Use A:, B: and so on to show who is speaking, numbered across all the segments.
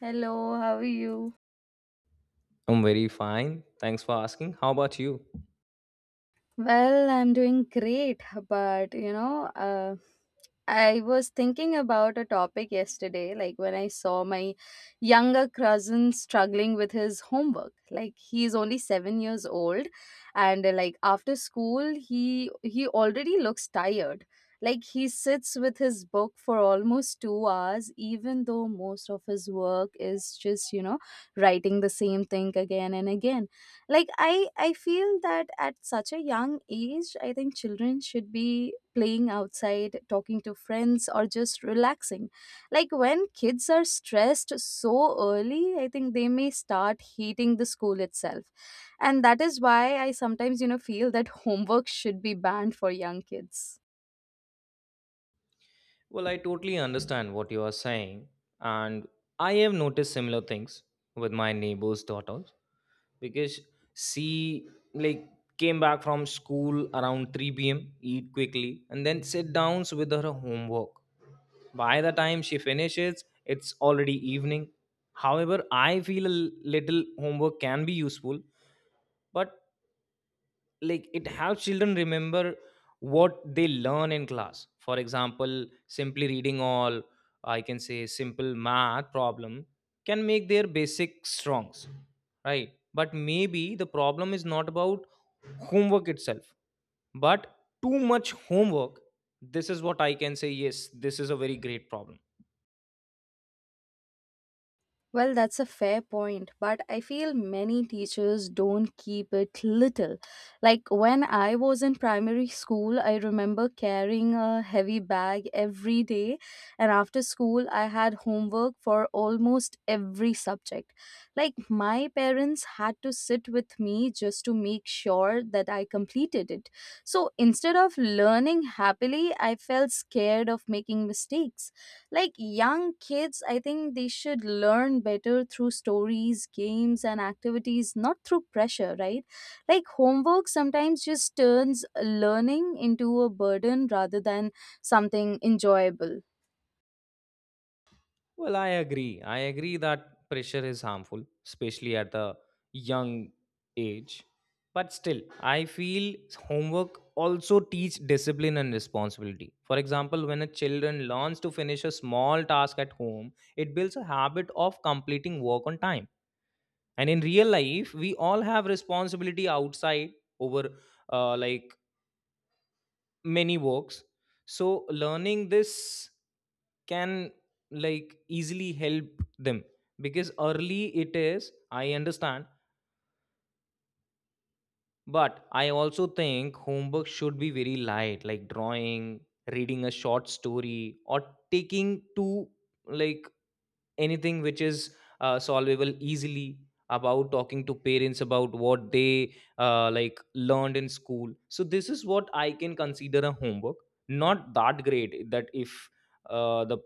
A: Hello, how are you?
B: I'm very fine. Thanks for asking. How about you?
A: Well, I'm doing great, but I was thinking about a topic yesterday, like when I saw my younger cousin struggling with his homework. Like he's only 7 years old, and after school, he already looks tired. Like he sits with his book for almost 2 hours, even though most of his work is just writing the same thing again and again. Like I feel that at such a young age, I think children should be playing outside, talking to friends, or just relaxing. Like when kids are stressed so early, I think they may start hating the school itself, and that is why I sometimes feel that homework should be banned for young kids.
B: Well, I totally understand what you are saying, and I have noticed similar things with my neighbor's daughters because she like came back from school around 3 p.m., eat quickly, and then sit down with her homework. By the time she finishes, it's already evening. However, I feel a little homework can be useful, but it helps children remember what they learn in class, for example, simply reading all I can say simple math problem can make their basic strongs. Right, but maybe the problem is not about homework itself but too much homework. This is what I can say. Yes, this is a very great problem.
A: Well, that's a fair point, but I feel many teachers don't keep it little. Like when I was in primary school, I remember carrying a heavy bag every day, and after school, I had homework for almost every subject. Like my parents had to sit with me just to make sure that I completed it. So instead of learning happily, I felt scared of making mistakes. like Young kids, I think they should learn better through stories, games, and activities, not through pressure, right? Like homework sometimes just turns learning into a burden rather than something enjoyable.
B: Well, I agree. I agree that pressure is harmful, especially at a young age. But still, I feel homework also teach discipline and responsibility. For example, when a children learns to finish a small task at home, it builds a habit of completing work on time. And in real life, we all have responsibility outside over uh, like many works, so learning this can easily help them because early it is, I understand, but I also think homework should be very light, like drawing, reading a short story, or taking two, like anything which is solvable easily, about talking to parents about what they learned in school. So this is what I can consider a homework, not that great that if the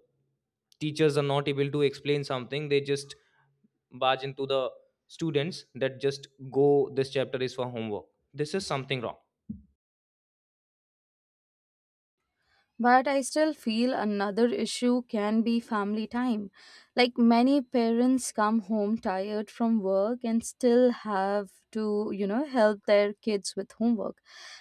B: teachers are not able to explain something, they just barge into the students that just go, this chapter is for homework. This is something wrong.
A: But I still feel another issue can be family time. Like many parents come home tired from work and still have to, help their kids with homework.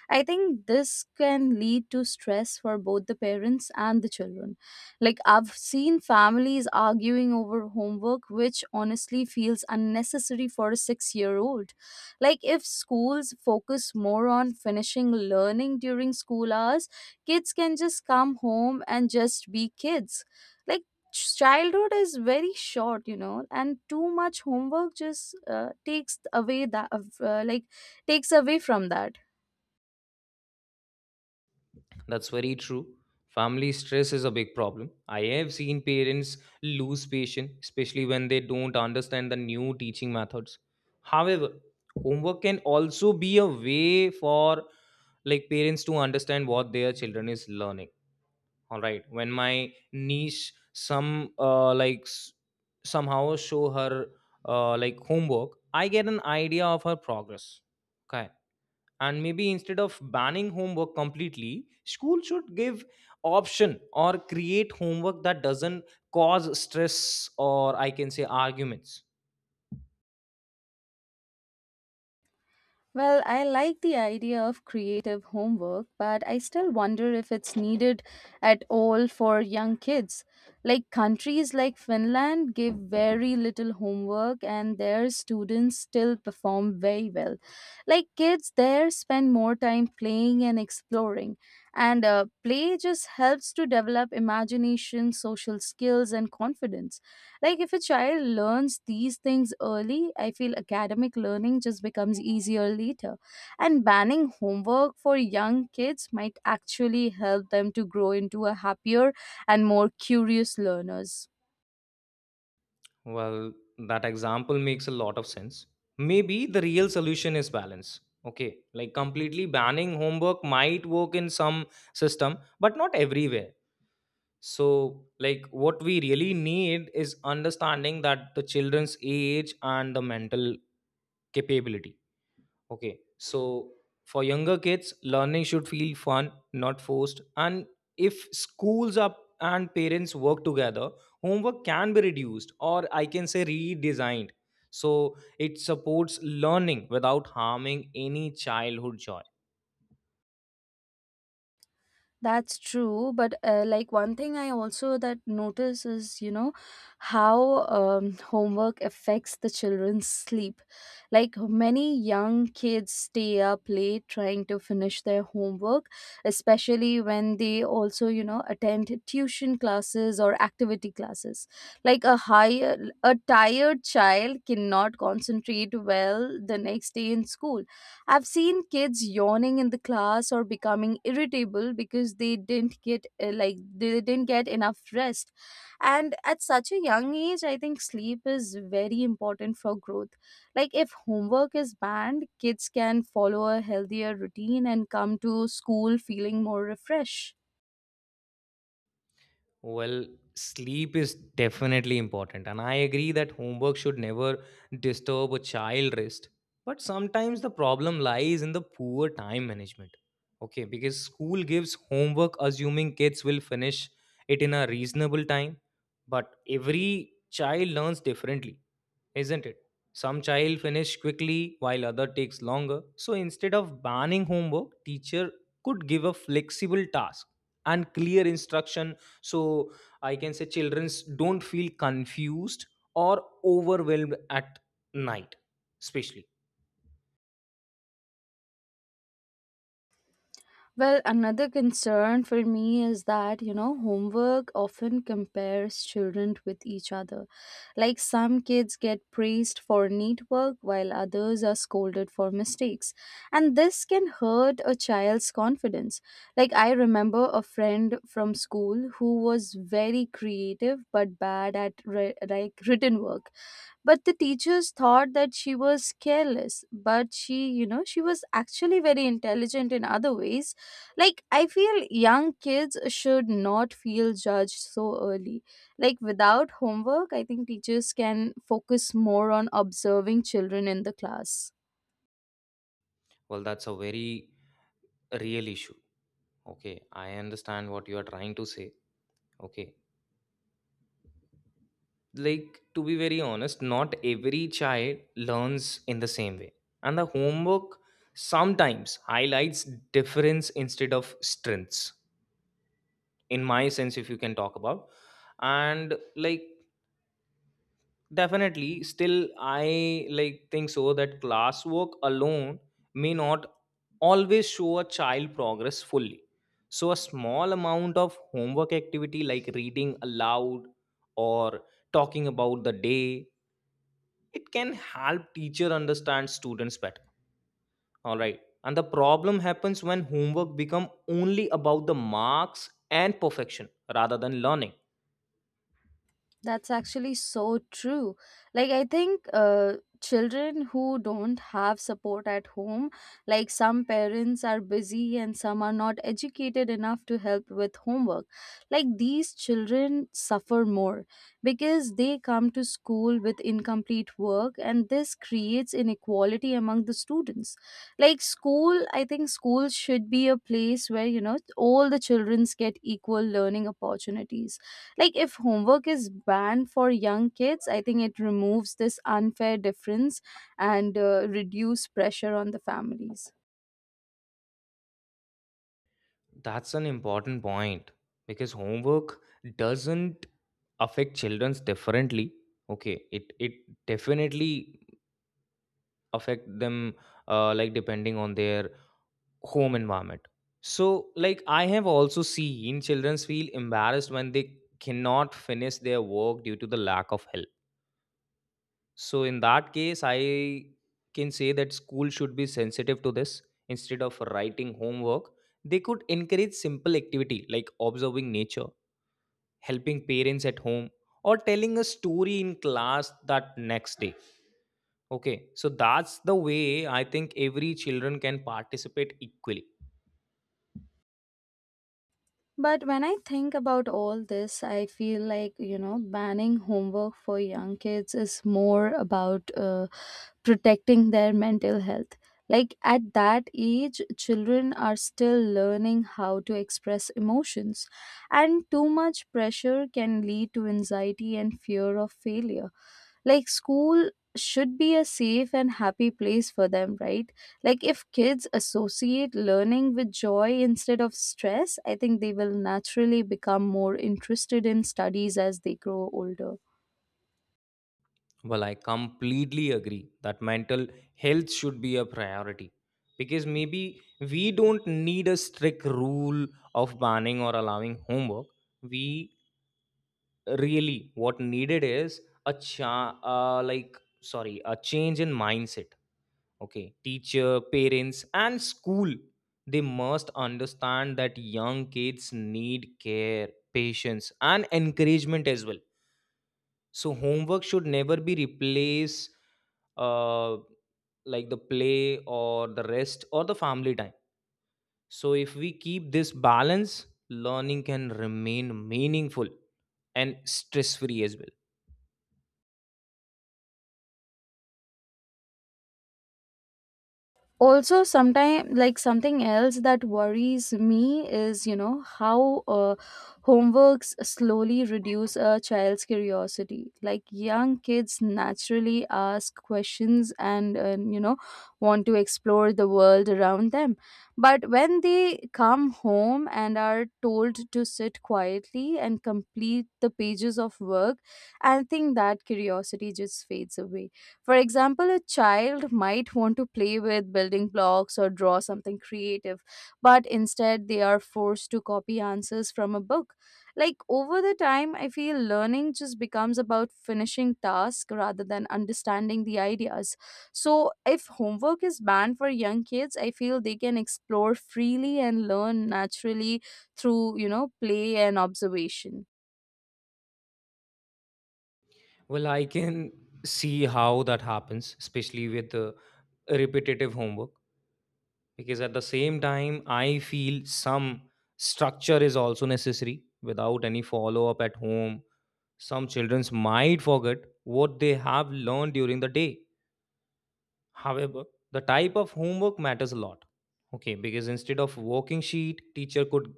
A: I think this can lead to stress for both the parents and the children. Like I've seen families arguing over homework, which honestly feels unnecessary for a 6 year old. Like if schools focus more on finishing learning during school hours, kids can just come home and just be kids. like Childhood is very short, and too much homework just takes away that uh, like takes away from that.
B: That's very true. Family stress is a big problem. I have seen parents lose patience, especially when they don't understand the new teaching methods. However, homework can also be a way for parents to understand what their children is learning. All right. When my niece some somehow show her homework, I get an idea of her progress. Okay, and maybe instead of banning homework completely, school should give option or create homework that doesn't cause stress or I can say arguments.
A: Well, I like the idea of creative homework, but I still wonder if it's needed at all for young kids. Like countries like Finland give very little homework and their students still perform very well. Like kids there spend more time playing and exploring. And play just helps to develop imagination, social skills, and confidence. Like if a child learns these things early, I feel academic learning just becomes easier later. And banning homework for young kids might actually help them to grow into a happier and more curious learners.
B: Well, that example makes a lot of sense. Maybe the real solution is balance. Okay, completely banning homework might work in some system but not everywhere. So what we really need is understanding that the children's age and the mental capability. Okay, so for younger kids, learning should feel fun, not forced. And if schools up and parents work together, homework can be reduced or I can say redesigned. So it supports learning without harming any childhood joy.
A: That's true, but one thing I also that notice is how homework affects the children's sleep. Like many young kids stay up late trying to finish their homework, especially when they also attend tuition classes or activity classes. Like a tired child cannot concentrate well the next day in school. I've seen kids yawning in the class or becoming irritable because they didn't get enough rest. And at such a young age, I think sleep is very important for growth. Like if homework is banned, kids can follow a healthier routine and come to school feeling more refreshed.
B: Well, sleep is definitely important, and I agree that homework should never disturb a child rest. But sometimes the problem lies in the poor time management. Okay, because school gives homework assuming kids will finish it in a reasonable time, but every child learns differently, isn't it? Some child finish quickly while other takes longer. So instead of banning homework, teacher could give a flexible task and clear instruction so I can say children don't feel confused or overwhelmed at night, especially.
A: Well, another concern for me is that, homework often compares children with each other. Like some kids get praised for neat work while others are scolded for mistakes. And this can hurt a child's confidence. Like I remember a friend from school who was very creative but bad at written work. But the teachers thought that she was careless, but she, she was actually very intelligent in other ways. Like, I feel young kids should not feel judged so early. Like, without homework, I think teachers can focus more on observing children in the class.
B: Well, that's a very real issue. Okay, I understand what you are trying to say. Okay, to be very honest, not every child learns in the same way, and the homework sometimes highlights difference instead of strengths. In my sense, if you can talk about, and definitely still I think so that classwork alone may not always show a child progress fully. So a small amount of homework activity like reading aloud or talking about the day, it can help teacher understand students better. All right, and the problem happens when homework become only about the marks and perfection rather than learning.
A: That's actually so true. Like, I think children who don't have support at home, like some parents are busy and some are not educated enough to help with homework. Like, these children suffer more because they come to school with incomplete work, and this creates inequality among the students. Like, I think school should be a place where, all the children get equal learning opportunities. Like if homework is banned for young kids, I think it removes this unfair difference and reduce pressure on the families.
B: That's an important point because homework doesn't affect childrens differently. Okay, it definitely affect them depending on their home environment. So I have also seen children feel embarrassed when they cannot finish their work due to the lack of help. So in that case, I can say that school should be sensitive to this. Instead of writing homework, they could encourage simple activity like observing nature, helping parents at home, or telling a story in class that next day. Okay, so that's the way I think every children can participate equally.
A: But when I think about all this, I feel like, banning homework for young kids is more about protecting their mental health. Like at that age, children are still learning how to express emotions, and too much pressure can lead to anxiety and fear of failure. Like school should be a safe and happy place for them, right? Like if kids associate learning with joy instead of stress, I think they will naturally become more interested in studies as they grow older.
B: Well, I completely agree that mental health should be a priority because maybe we don't need a strict rule of banning or allowing homework. We really what needed is a sorry, a change in mindset. Okay, teacher, parents, and school, they must understand that young kids need care, patience, and encouragement as well. So homework should never be replace uh, the play or the rest or the family time. So if we keep this balance, learning can remain meaningful and stress free as well.
A: Also, sometimes, like, something else that worries me is how homeworks slowly reduce a child's curiosity. Like young kids naturally ask questions and want to explore the world around them, but when they come home and are told to sit quietly and complete the pages of work, I think that curiosity just fades away. For example, a child might want to play with building blocks or draw something creative, but instead they are forced to copy answers from a book. Like over the time, I feel learning just becomes about finishing tasks rather than understanding the ideas. So, if homework is banned for young kids, I feel they can explore freely and learn naturally through, play and observation.
B: Well, I can see how that happens, especially with the repetitive homework, because at the same time I feel some structure is also necessary. Without any follow up at home, some children might forget what they have learned during the day. However, the type of homework matters a lot. Okay, because instead of working sheet, teacher could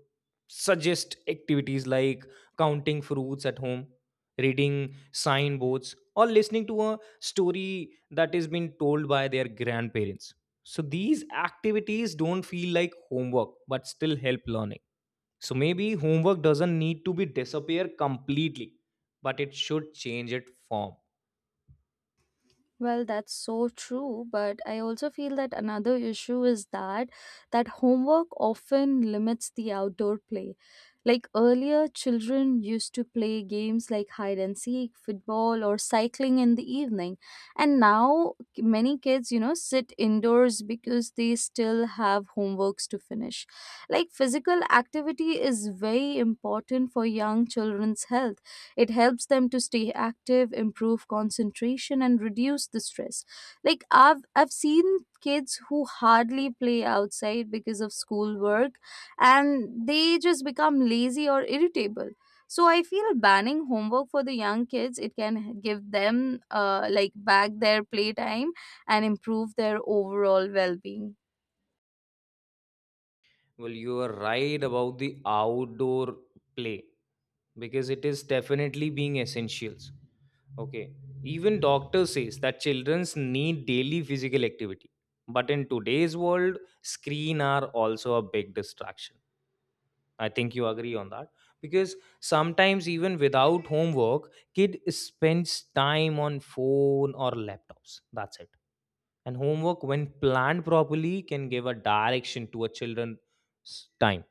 B: suggest activities like counting fruits at home, reading signboards, or listening to a story that is being told by their grandparents. So these activities don't feel like homework but still help learning. So maybe homework doesn't need to be disappear completely, but it should change its form.
A: Well, that's so true, but I also feel that another issue is that homework often limits the outdoor play. Like earlier, children used to play games like hide and seek, football, or cycling in the evening. And now, many kids, sit indoors because they still have homeworks to finish. Like, physical activity is very important for young children's health. It helps them to stay active, improve concentration, and reduce the stress. Like I've seen kids who hardly play outside because of schoolwork, and they just become lazy or irritable. So I feel banning homework for the young kids, it can give them back their playtime and improve their overall well-being.
B: Well, you are right about the outdoor play because it is definitely being essentials. Okay. Even doctor says that childrens need daily physical activity. But in today's world, screen are also a big distraction. I think you agree on that because sometimes even without homework, kid spends time on phone or laptops. That's it. And homework, when planned properly, can give a direction to a children's time.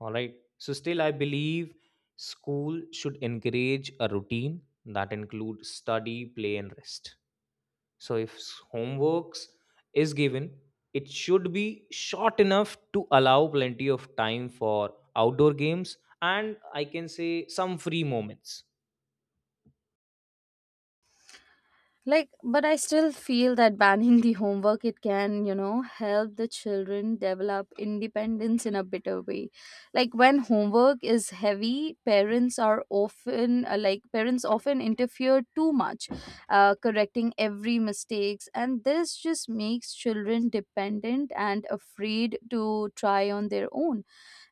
B: All right. So still I believe school should encourage a routine that includes study, play and rest. So if homeworks is given, it should be short enough to allow plenty of time for outdoor games and I can say some free moments.
A: Like, but I still feel that banning the homework, it can help the children develop independence in a better way. Like when homework is heavy, parents often interfere too much, correcting every mistakes, and this just makes children dependent and afraid to try on their own.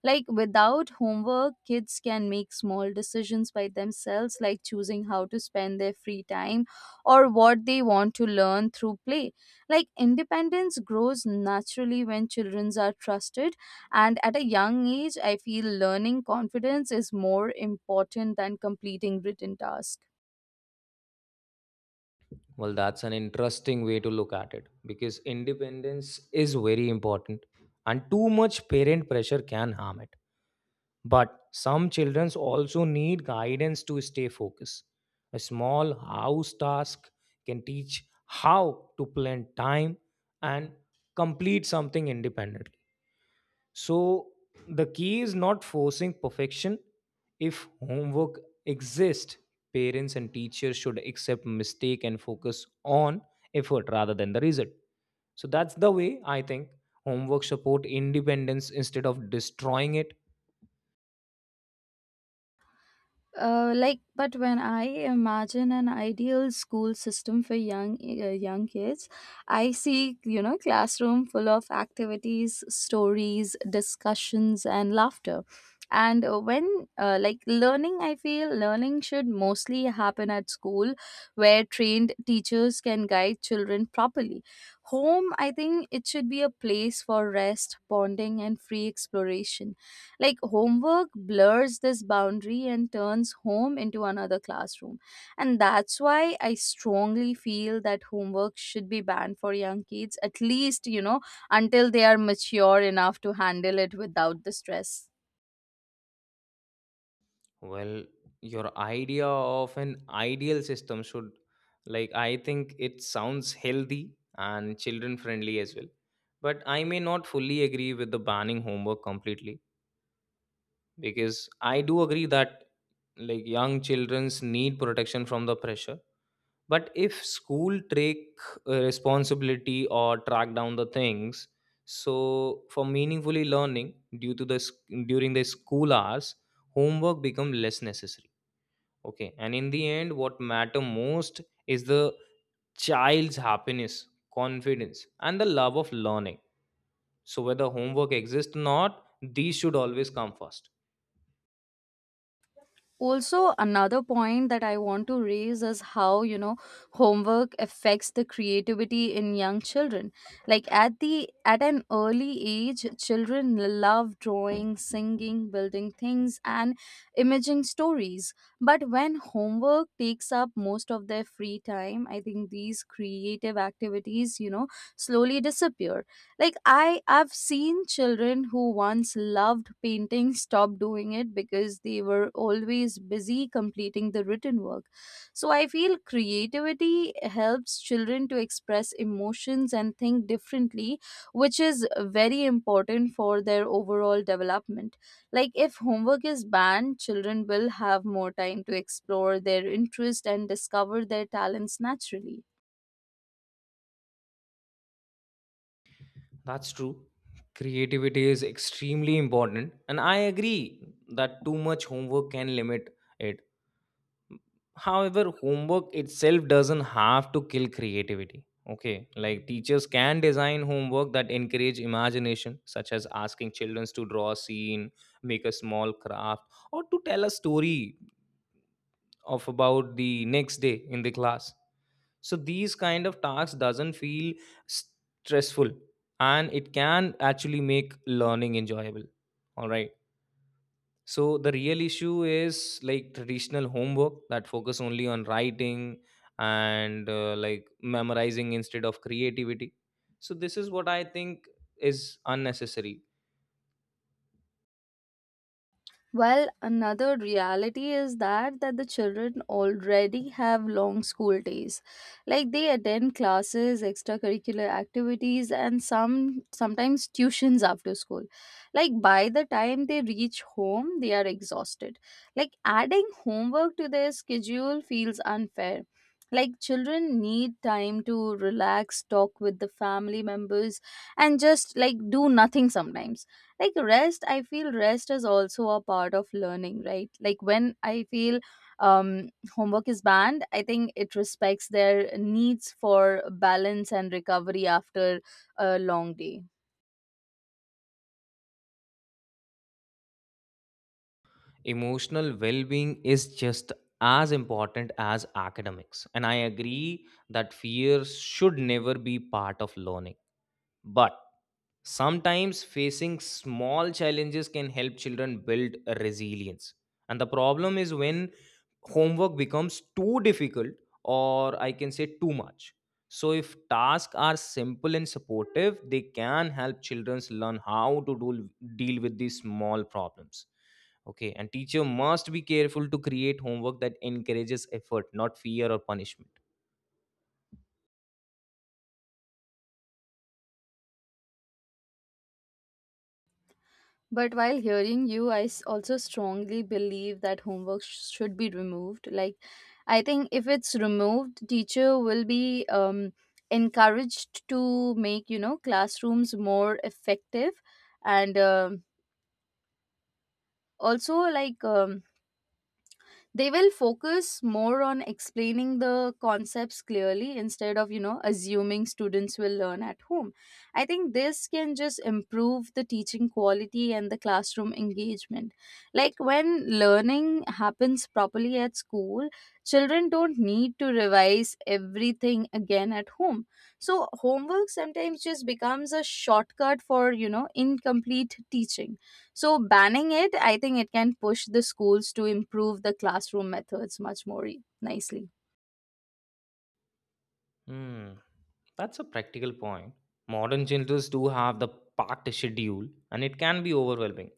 A: Like without homework, kids can make small decisions by themselves, like choosing how to spend their free time or what they want to learn through play. Like independence grows naturally when children are trusted, and at a young age, I feel learning confidence is more important than completing written tasks.
B: Well, that's an interesting way to look at it because independence is very important and too much parent pressure can harm it. But some children also need guidance to stay focused. A small house task can teach how to plan time and complete something independently. So, the key is not forcing perfection. If homework exists, parents and teachers should accept mistake and focus on effort rather than the result. So, that's the way I think homework support independence instead of destroying it.
A: But when I imagine an ideal school system for young kids, I see classroom full of activities, stories, discussions, and laughter. And when like learning I feel learning should mostly happen at school, where trained teachers can guide children properly. Home, I think, it should be a place for rest, bonding, and free exploration. Like homework blurs this boundary and turns home into another classroom. And that's why I strongly feel that homework should be banned for young kids, at least, until they are mature enough to handle it without the stress.
B: Well, your idea of an ideal system should, I think it sounds healthy and children friendly as well. But I may not fully agree with the banning homework completely because I do agree that, young children's need protection from the pressure. But if school take responsibility or track down the things, so for meaningfully learning due to the during the school hours, homework become less necessary. Okay. And in the end, what matter most is the child's happiness, confidence, and the love of learning. So whether homework exists or not, these should always come first.
A: Also, another point that I want to raise is how homework affects the creativity in young children. Like at an early age, children love drawing, singing, building things, and imaging stories. But when homework takes up most of their free time, I think these creative activities, slowly disappear. Like I've seen children who once loved painting stop doing it because they were always busy completing the written work. So I feel creativity helps children to express emotions and think differently, which is very important for their overall development. Like if homework is banned, children will have more time to explore their interest and discover their talents naturally.
B: That's true. Creativity is extremely important, and I agree that too much homework can limit it. However, homework itself doesn't have to kill creativity. Okay, teachers can design homework that encourage imagination, such as asking children to draw a scene, make a small craft, or to tell a story of about the next day in the class. So these kind of tasks doesn't feel stressful, and it can actually make learning enjoyable. All right, so the real issue is like traditional homework that focus only on writing and memorizing instead of creativity. So this is what I think is unnecessary.
A: Well, another reality is that the children already have long school days. Like they attend classes, extracurricular activities, and sometimes tuitions after school. Like by the time they reach home, they are exhausted. Like adding homework to their schedule feels unfair. Like children need time to relax, talk with the family members, and just like do nothing sometimes. Like rest, I feel rest is also a part of learning, right? Like when I feel um homework is banned, I think it respects their needs for balance and recovery after a long day.
B: Emotional well-being is just as important as academics, and I agree that fear should never be part of learning. But sometimes facing small challenges can help children build a resilience. And the problem is when homework becomes too difficult or I can say too much. So if tasks are simple and supportive, they can help children learn how to do, deal with these small problems. Okay, and teacher must be careful to create homework that encourages effort, not fear or punishment.
A: But while hearing you, also strongly believe that should be removed. Like I think if it's removed, teacher will be encouraged to make classrooms more effective, and also like they will focus more on explaining the concepts clearly instead of assuming students will learn at home. I think this can just improve the teaching quality and the classroom engagement. Like when learning happens properly at school, children don't need to revise everything again at home. So homework sometimes just becomes a shortcut for incomplete teaching. So banning it, I think it can push the schools to improve the classroom methods much more nicely.
B: Hmm, that's a practical point. Modern children do have the packed schedule, and it can be overwhelming.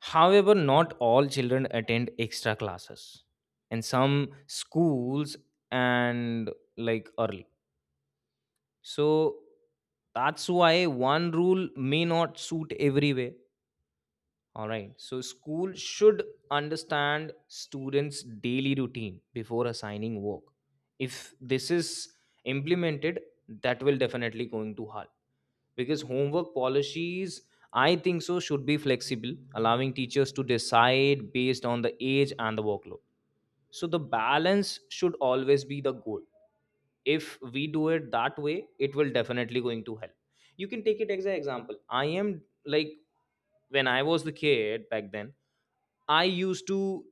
B: However, not all children attend extra classes and some schools and early. So that's why one rule may not suit everywhere. All right. So school should understand students' daily routine before assigning work. If this is implemented, that will definitely going to help because homework policies, I think so, should be flexible, allowing teachers to decide based on the age and the workload. So the balance should always be the goal. If we do it that way, it will definitely going to help. You can take it as an example. I am when I was the kid back then, I used to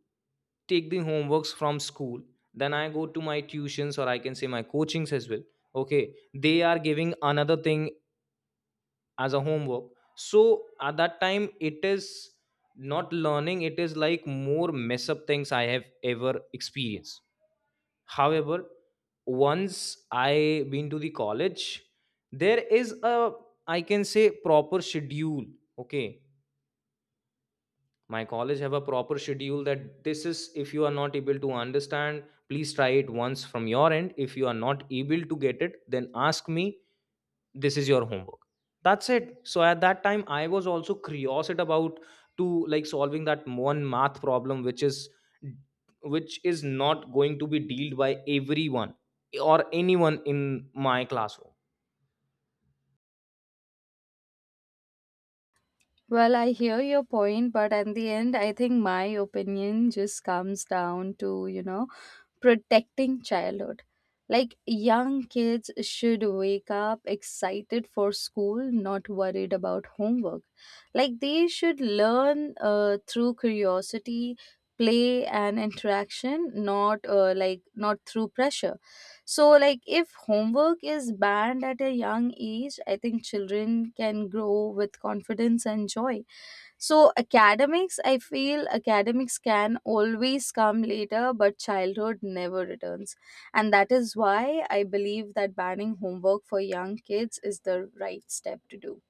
B: take the homeworks from school, then I go to my tuitions or I can say my coachings as well. Okay, they are giving another thing as a homework. So at that time, it is not learning, it is like more mess up things I have ever experienced. However, once I been to the college, there is a, I can say, proper schedule. Okay, my college have a proper schedule that this is if you are not able to understand, please try it once from your end. If you are not able to get it, then ask me. This is your homework. That's it. So at that time I was also curious about to solving that one math problem which is, which is not going to be dealt by everyone or anyone in my classroom.
A: Well, I hear your point, but at the end, I think my opinion just comes down to, protecting childhood. Like young kids should wake up excited for school, not worried about homework. Like they should learn through curiosity, play, and interaction, not through pressure. So, like, if homework is banned at a young age, I think children can grow with confidence and joy. So, I feel academics can always come later, but childhood never returns. And that is why I believe that banning homework for young kids is the right step to do.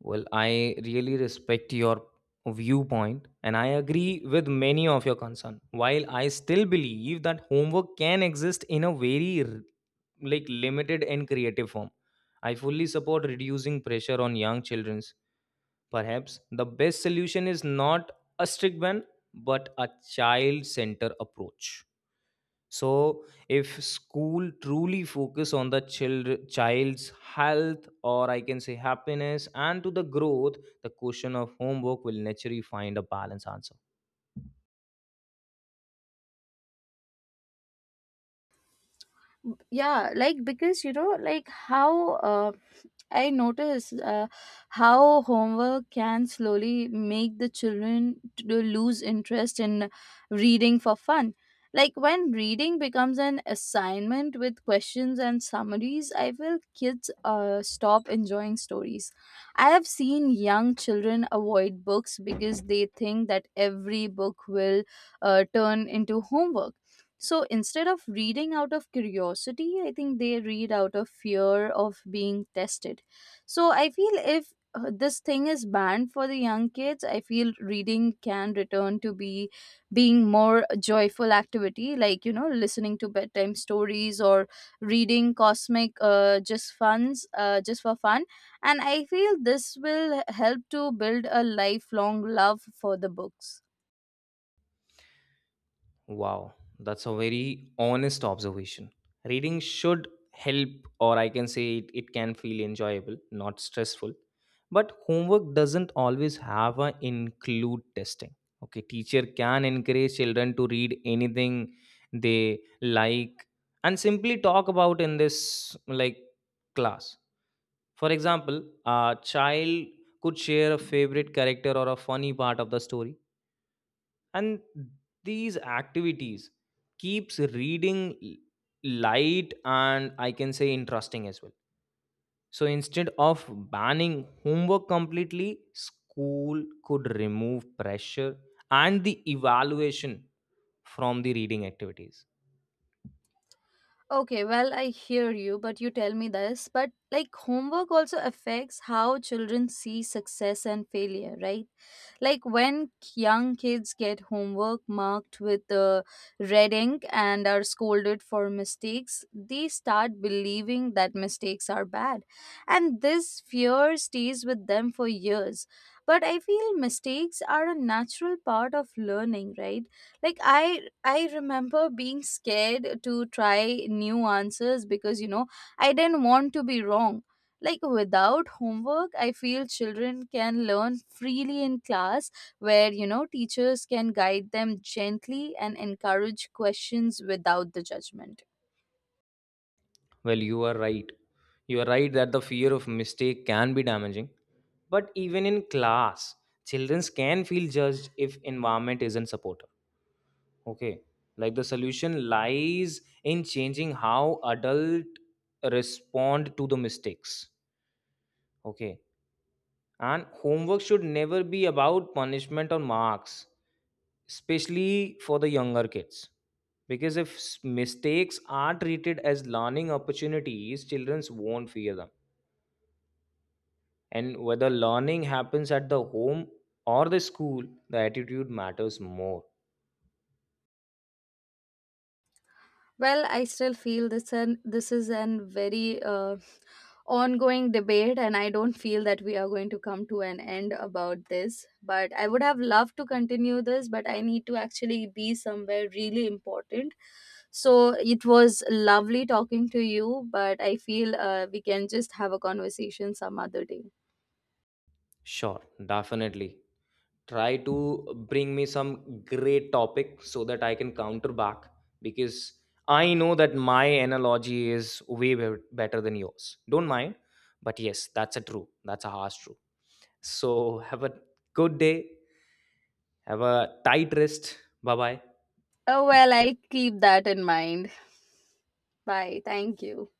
B: Well, I really respect your viewpoint and I agree with many of your concern. While I still believe that homework can exist in a very limited and creative form, I fully support reducing pressure on young children. Perhaps the best solution is not a strict ban but a child center approach. So if school truly focus on the child's health or I can say happiness and to the growth, the question of homework will naturally find a balanced answer.
A: Yeah, like, because how uh, I notice how homework can slowly make the children to lose interest in reading for fun. Like when reading becomes an assignment with questions and summaries, I feel kids stop enjoying stories. I have seen young children avoid books because they think that every book will turn into homework. So instead of reading out of curiosity, I think they read out of fear of being tested. So I feel if this thing is banned for the young kids, I feel reading can return to be being more joyful activity, like listening to bedtime stories or reading cosmic just for fun. And I feel this will help to build a lifelong love for the books.
B: Wow, that's a very honest observation. Reading should help, or I can say it, it can feel enjoyable, not stressful. But homework doesn't always have a include testing. Okay, teacher can encourage children to read anything they like and simply talk about in this class. For example, a child could share a favorite character or a funny part of the story, and these activities keeps reading l- light and I can say interesting as well. So instead of banning homework completely, school could remove pressure and the evaluation from the reading activities.
A: Okay, well, I hear you, but you tell me this. But like homework also affects how children see success and failure, right? Like when young kids get homework marked with red ink and are scolded for mistakes, they start believing that mistakes are bad. And this fear stays with them for years. But I feel mistakes are a natural part of learning, right? Like I remember being scared to try new answers because I didn't want to be wrong. Like without homework, I feel children can learn freely in class, where teachers can guide them gently and encourage questions without the judgment.
B: Well, you are right, you are right that the fear of mistake can be damaging, but even in class children can feel judged if environment isn't supportive. Okay. Like the solution lies in changing how adult respond to the mistakes. Okay. And homework should never be about punishment or marks, especially for the younger kids. Because if mistakes are treated as learning opportunities, children won't fear them. And whether learning happens at the home or the school, the attitude matters more.
A: Well, I still feel this, and this is an very ongoing debate, and I don't feel that we are going to come to an end about this. But I would have loved to continue this, but I need to actually be somewhere really important. So it was lovely talking to you, but I feel we can just have a conversation some other day.
B: Sure, definitely. Try to bring me some great topic so that I can counter back because I know that my analogy is way better than yours. Don't mind, but yes, that's a true. That's a harsh true. So have a good day. Have a tight rest. Bye bye.
A: Oh well, I'll keep that in mind. Bye. Thank you.